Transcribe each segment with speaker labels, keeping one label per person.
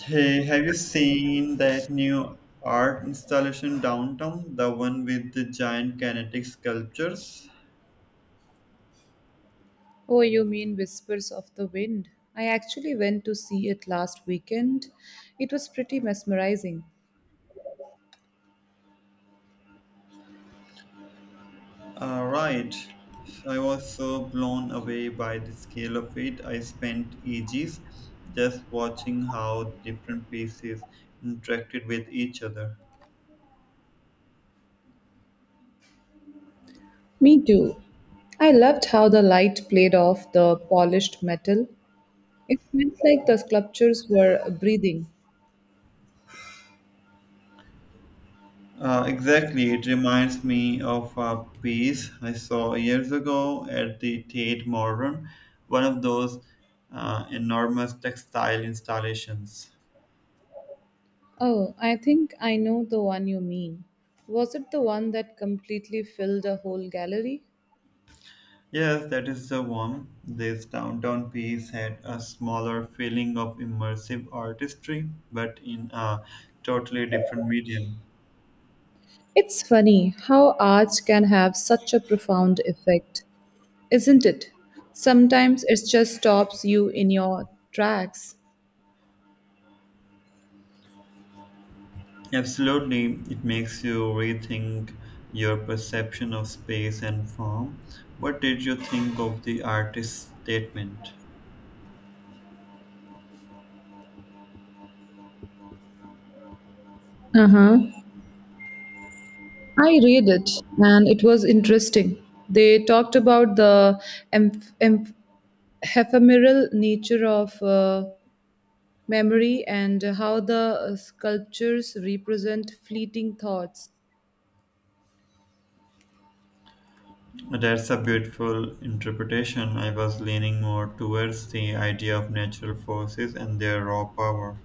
Speaker 1: Hey, have you seen that new art installation downtown? The one with the giant kinetic sculptures?
Speaker 2: Oh, you mean Whispers of the Wind? I actually went to see it last weekend. It was pretty mesmerizing.
Speaker 1: Right. I was so blown away by the scale of it. I spent ages just watching how different pieces interacted with each other.
Speaker 2: Me too. I loved how the light played off the polished metal. It felt like the sculptures were breathing.
Speaker 1: Exactly. It reminds me of a piece I saw years ago at the Tate Modern, one of those enormous textile installations.
Speaker 2: Oh, I think I know the one you mean. Was it the one that completely filled a whole gallery?
Speaker 1: Yes, that is the one. This downtown piece had a smaller feeling of immersive artistry, but in a totally different medium.
Speaker 2: It's funny how art can have such a profound effect, isn't it? Sometimes it just stops you in your tracks.
Speaker 1: Absolutely, it makes you rethink your perception of space and form. What did you think of the artist's statement?
Speaker 2: Uh huh. I read it and it was interesting. They talked about the emph- emph- ephemeral nature of memory and how the sculptures represent fleeting thoughts.
Speaker 1: That's a beautiful interpretation. I was leaning more towards the idea of natural forces and their raw power.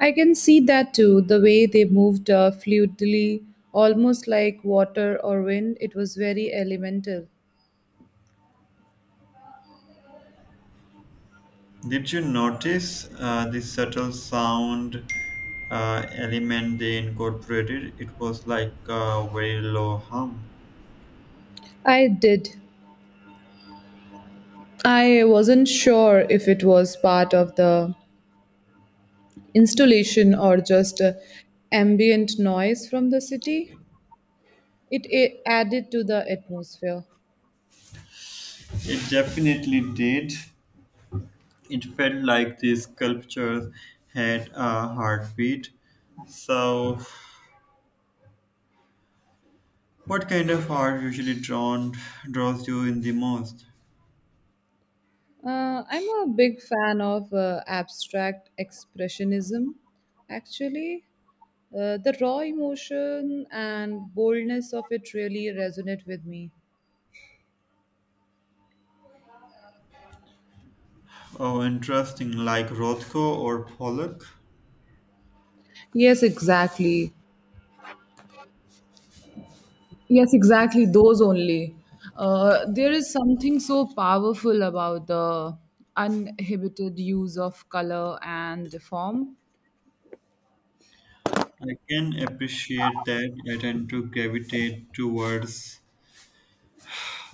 Speaker 2: I can see that too, the way they moved fluidly, almost like water or wind. It was very elemental.
Speaker 1: Did you notice the subtle sound element they incorporated? It was like a very low hum.
Speaker 2: I did. I wasn't sure if it was part of the installation or just ambient noise from the city. It added to the atmosphere.
Speaker 1: It definitely did. It felt like the sculptures had a heartbeat. So, what kind of art usually drawn draws you in the most?
Speaker 2: I'm a big fan of abstract expressionism, actually. The raw emotion and boldness of it really resonate with me.
Speaker 1: Oh, interesting, like Rothko or Pollock.
Speaker 2: Yes, exactly. Yes, exactly. Those only. There is something so powerful about the uninhibited use of color and form.
Speaker 1: I can appreciate that. I tend to gravitate towards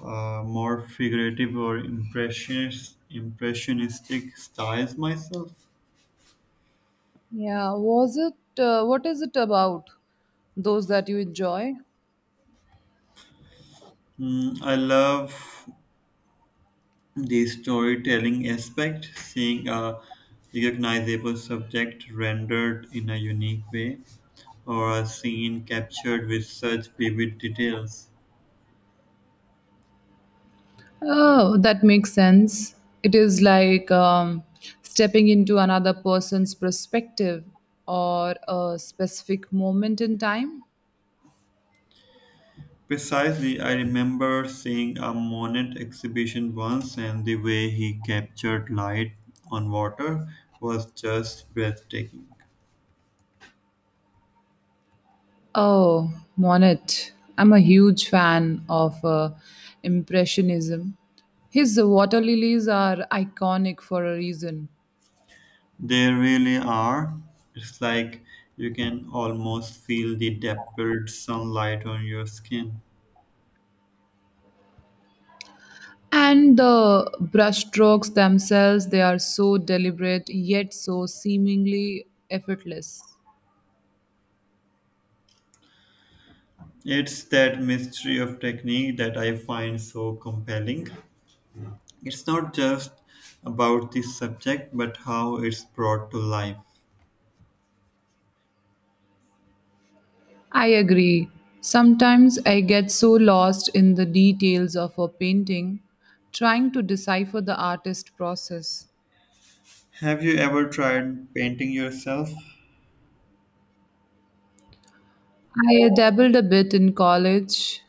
Speaker 1: more figurative or impressionistic styles myself.
Speaker 2: Yeah, was it? What is it about? Those that you enjoy?
Speaker 1: Mm, I love the storytelling aspect, seeing a recognizable subject rendered in a unique way or a scene captured with such vivid details.
Speaker 2: Oh, that makes sense. It is like stepping into another person's perspective or a specific moment in time.
Speaker 1: Precisely, I remember seeing a Monet exhibition once, and the way he captured light on water was just breathtaking.
Speaker 2: Oh, Monet. I'm a huge fan of Impressionism. His water lilies are iconic for a reason.
Speaker 1: They really are. It's like you can almost feel the dappled sunlight on your skin.
Speaker 2: And the brushstrokes themselves, they are so deliberate yet so seemingly effortless.
Speaker 1: It's that mystery of technique that I find so compelling. It's not just about the subject, but how it's brought to life.
Speaker 2: I agree. Sometimes I get so lost in the details of a painting, trying to decipher the artist process.
Speaker 1: Have you ever tried painting yourself?
Speaker 2: I dabbled a bit in college,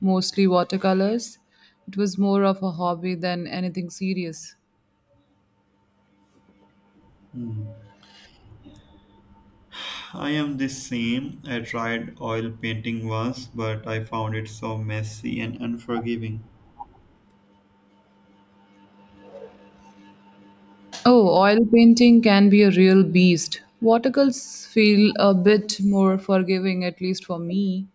Speaker 2: mostly watercolors. It was more of a hobby than anything serious.
Speaker 1: I am the same. I tried oil painting once, but I found it so messy and unforgiving.
Speaker 2: Oh, oil painting can be a real beast. Watercolors feel a bit more forgiving, at least for me.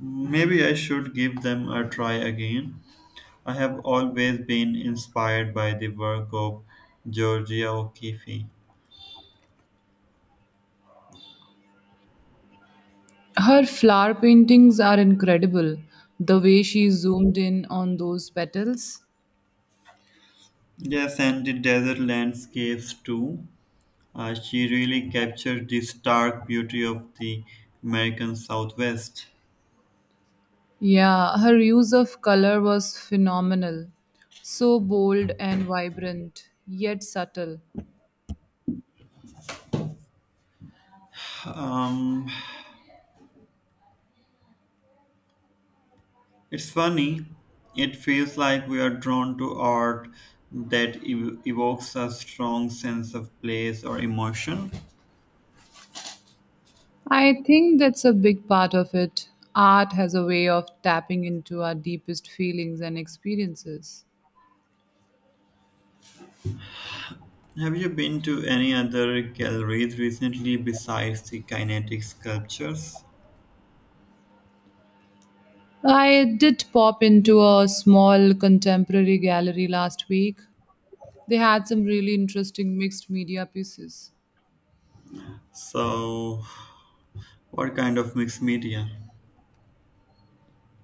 Speaker 1: Maybe I should give them a try again. I have always been inspired by the work of Georgia O'Keeffe.
Speaker 2: Her flower paintings are incredible. The way she zoomed in on those petals.
Speaker 1: Yes, and the desert landscapes too. She really captured the stark beauty of the American Southwest.
Speaker 2: Yeah, her use of color was phenomenal. So bold and vibrant, yet subtle.
Speaker 1: Um, it's funny, it feels like we are drawn to art that evokes a strong sense of place or emotion.
Speaker 2: I think that's a big part of it. Art has a way of tapping into our deepest feelings and experiences.
Speaker 1: Have you been to any other galleries recently besides the kinetic sculptures?
Speaker 2: I did pop into a small contemporary gallery last week. They had some really interesting mixed media pieces.
Speaker 1: So, what kind of mixed media?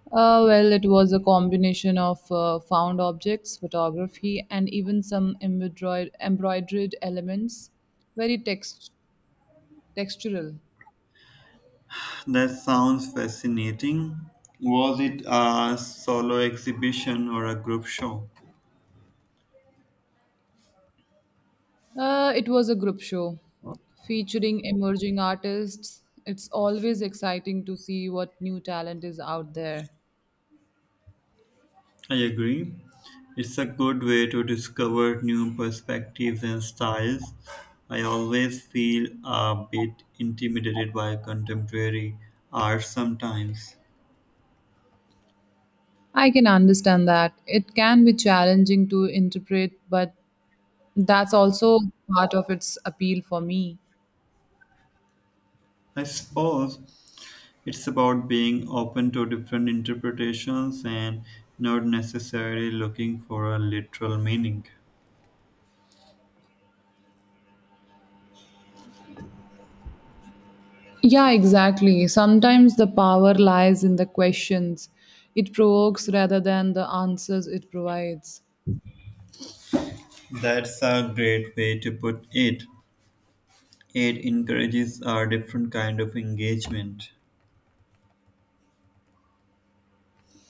Speaker 2: Well, it was a combination of found objects, photography, and even some embroidered elements, very textural.
Speaker 1: That sounds fascinating. Was it a solo exhibition or a group show?
Speaker 2: It was a group show featuring emerging artists. It's always exciting to see what new talent is out there.
Speaker 1: I agree. It's a good way to discover new perspectives and styles. I always feel a bit intimidated by contemporary art sometimes.
Speaker 2: I can understand that. It can be challenging to interpret, but that's also part of its appeal for me.
Speaker 1: I suppose it's about being open to different interpretations and not necessarily looking for a literal meaning.
Speaker 2: Yeah, exactly. Sometimes the power lies in the questions it provokes rather than the answers it provides.
Speaker 1: That's a great way to put it. It encourages a different kind of engagement.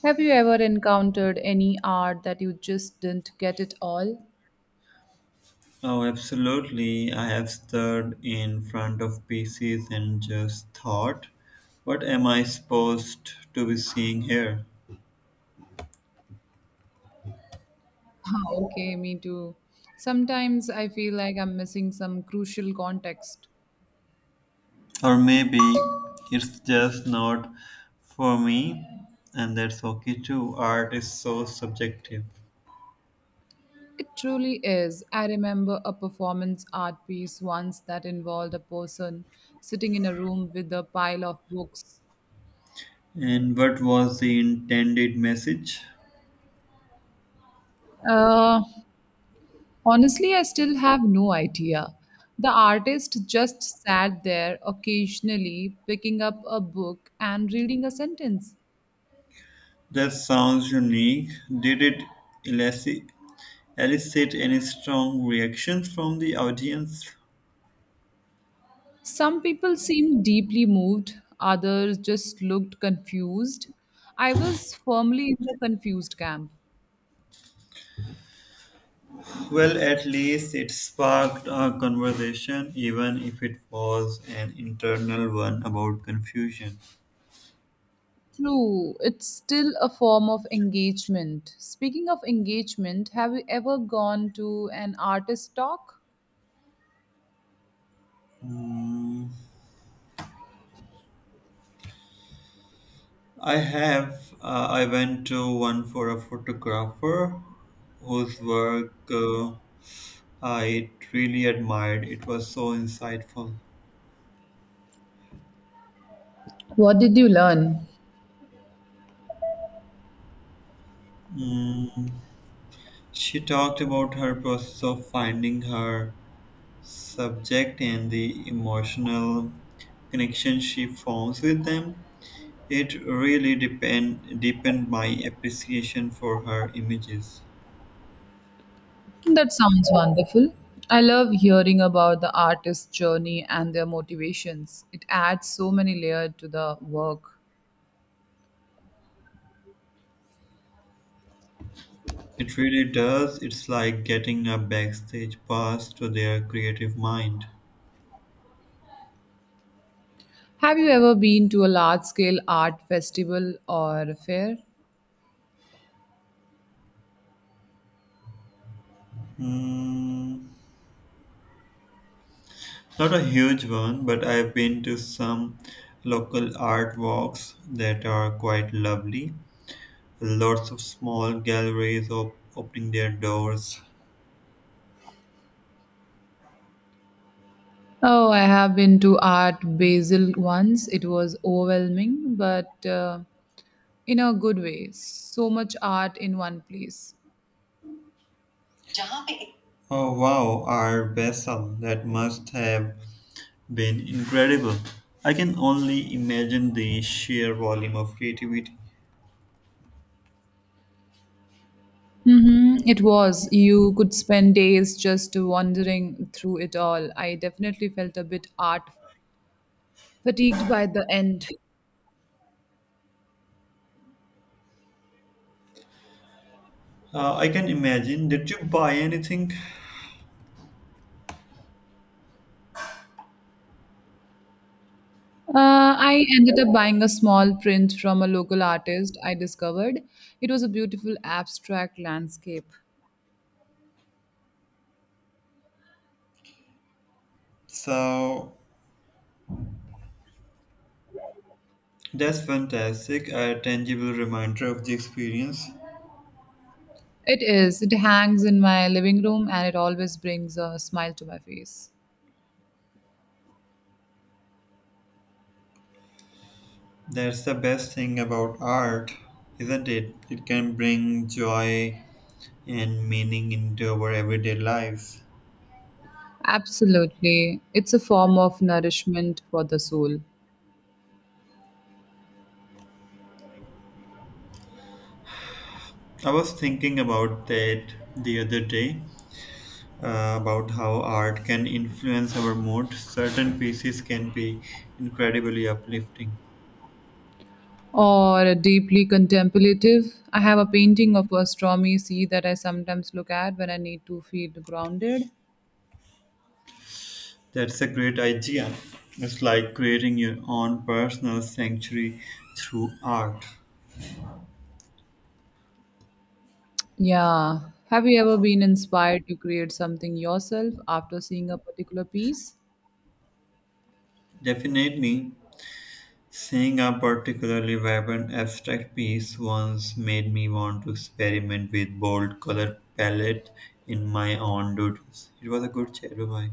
Speaker 2: Have you ever encountered any art that you just didn't get it all?
Speaker 1: Oh, absolutely. I have stood in front of pieces and just thought, what am I supposed to be seeing here?
Speaker 2: Ah, okay, me too. Sometimes I feel like I'm missing some crucial context.
Speaker 1: Or maybe it's just not for me, and that's okay too. Art is so subjective.
Speaker 2: It truly is. I remember a performance art piece once that involved a person sitting in a room with a pile of books.
Speaker 1: And what was the intended message?
Speaker 2: Uh, honestly, I still have no idea. The artist just sat there occasionally picking up a book and reading a sentence.
Speaker 1: That sounds unique. Did it elicit, elicit any strong reactions from the audience?
Speaker 2: Some people seemed deeply moved, others just looked confused. I was firmly in the confused camp.
Speaker 1: Well, at least it sparked a conversation, even if it was an internal one about confusion.
Speaker 2: True, it's still a form of engagement. Speaking of engagement, have you ever gone to an artist talk?
Speaker 1: Hmm, I have. I went to one for a photographer whose work I really admired. It was so insightful.
Speaker 2: What did you learn?
Speaker 1: Mm, she talked about her process of finding her subject and the emotional connection she forms with them. It really deepened my appreciation for her images.
Speaker 2: That sounds wonderful. I love hearing about the artist's journey and their motivations. It adds so many layers to the work.
Speaker 1: It really does. It's like getting a backstage pass to their creative mind.
Speaker 2: Have you ever been to a large scale art festival or fair?
Speaker 1: Mm, not a huge one, but I've been to some local art walks that are quite lovely. Lots of small galleries opening their doors.
Speaker 2: Oh, I have been to Art Basel once. It was overwhelming, but in a good way. So much art in one place.
Speaker 1: जहाँ पे? Oh wow, our vessel, that must have been incredible. I can only imagine the sheer volume of creativity.
Speaker 2: Mm-hmm. It was. You could spend days just wandering through it all. I definitely felt a bit art fatigued by the end.
Speaker 1: I can imagine. Did you buy anything?
Speaker 2: I ended up buying a small print from a local artist I discovered. It was a beautiful abstract landscape.
Speaker 1: So that's fantastic, a tangible reminder of the experience.
Speaker 2: It is. It hangs in my living room and it always brings a smile to my face.
Speaker 1: That's the best thing about art, isn't it? It can bring joy and meaning into our everyday lives.
Speaker 2: Absolutely. It's a form of nourishment for the soul.
Speaker 1: I was thinking about that the other day about how art can influence our mood. Certain pieces can be incredibly uplifting.
Speaker 2: Or deeply contemplative. I have a painting of a stormy sea that I sometimes look at when I need to feel grounded.
Speaker 1: That's a great idea. It's like creating your own personal sanctuary through art.
Speaker 2: Yeah. Have you ever been inspired to create something yourself after seeing a particular piece?
Speaker 1: Definitely, seeing a particularly vibrant abstract piece once made me want to experiment with bold color palette in my own doodles. It was a good chat. Bye bye.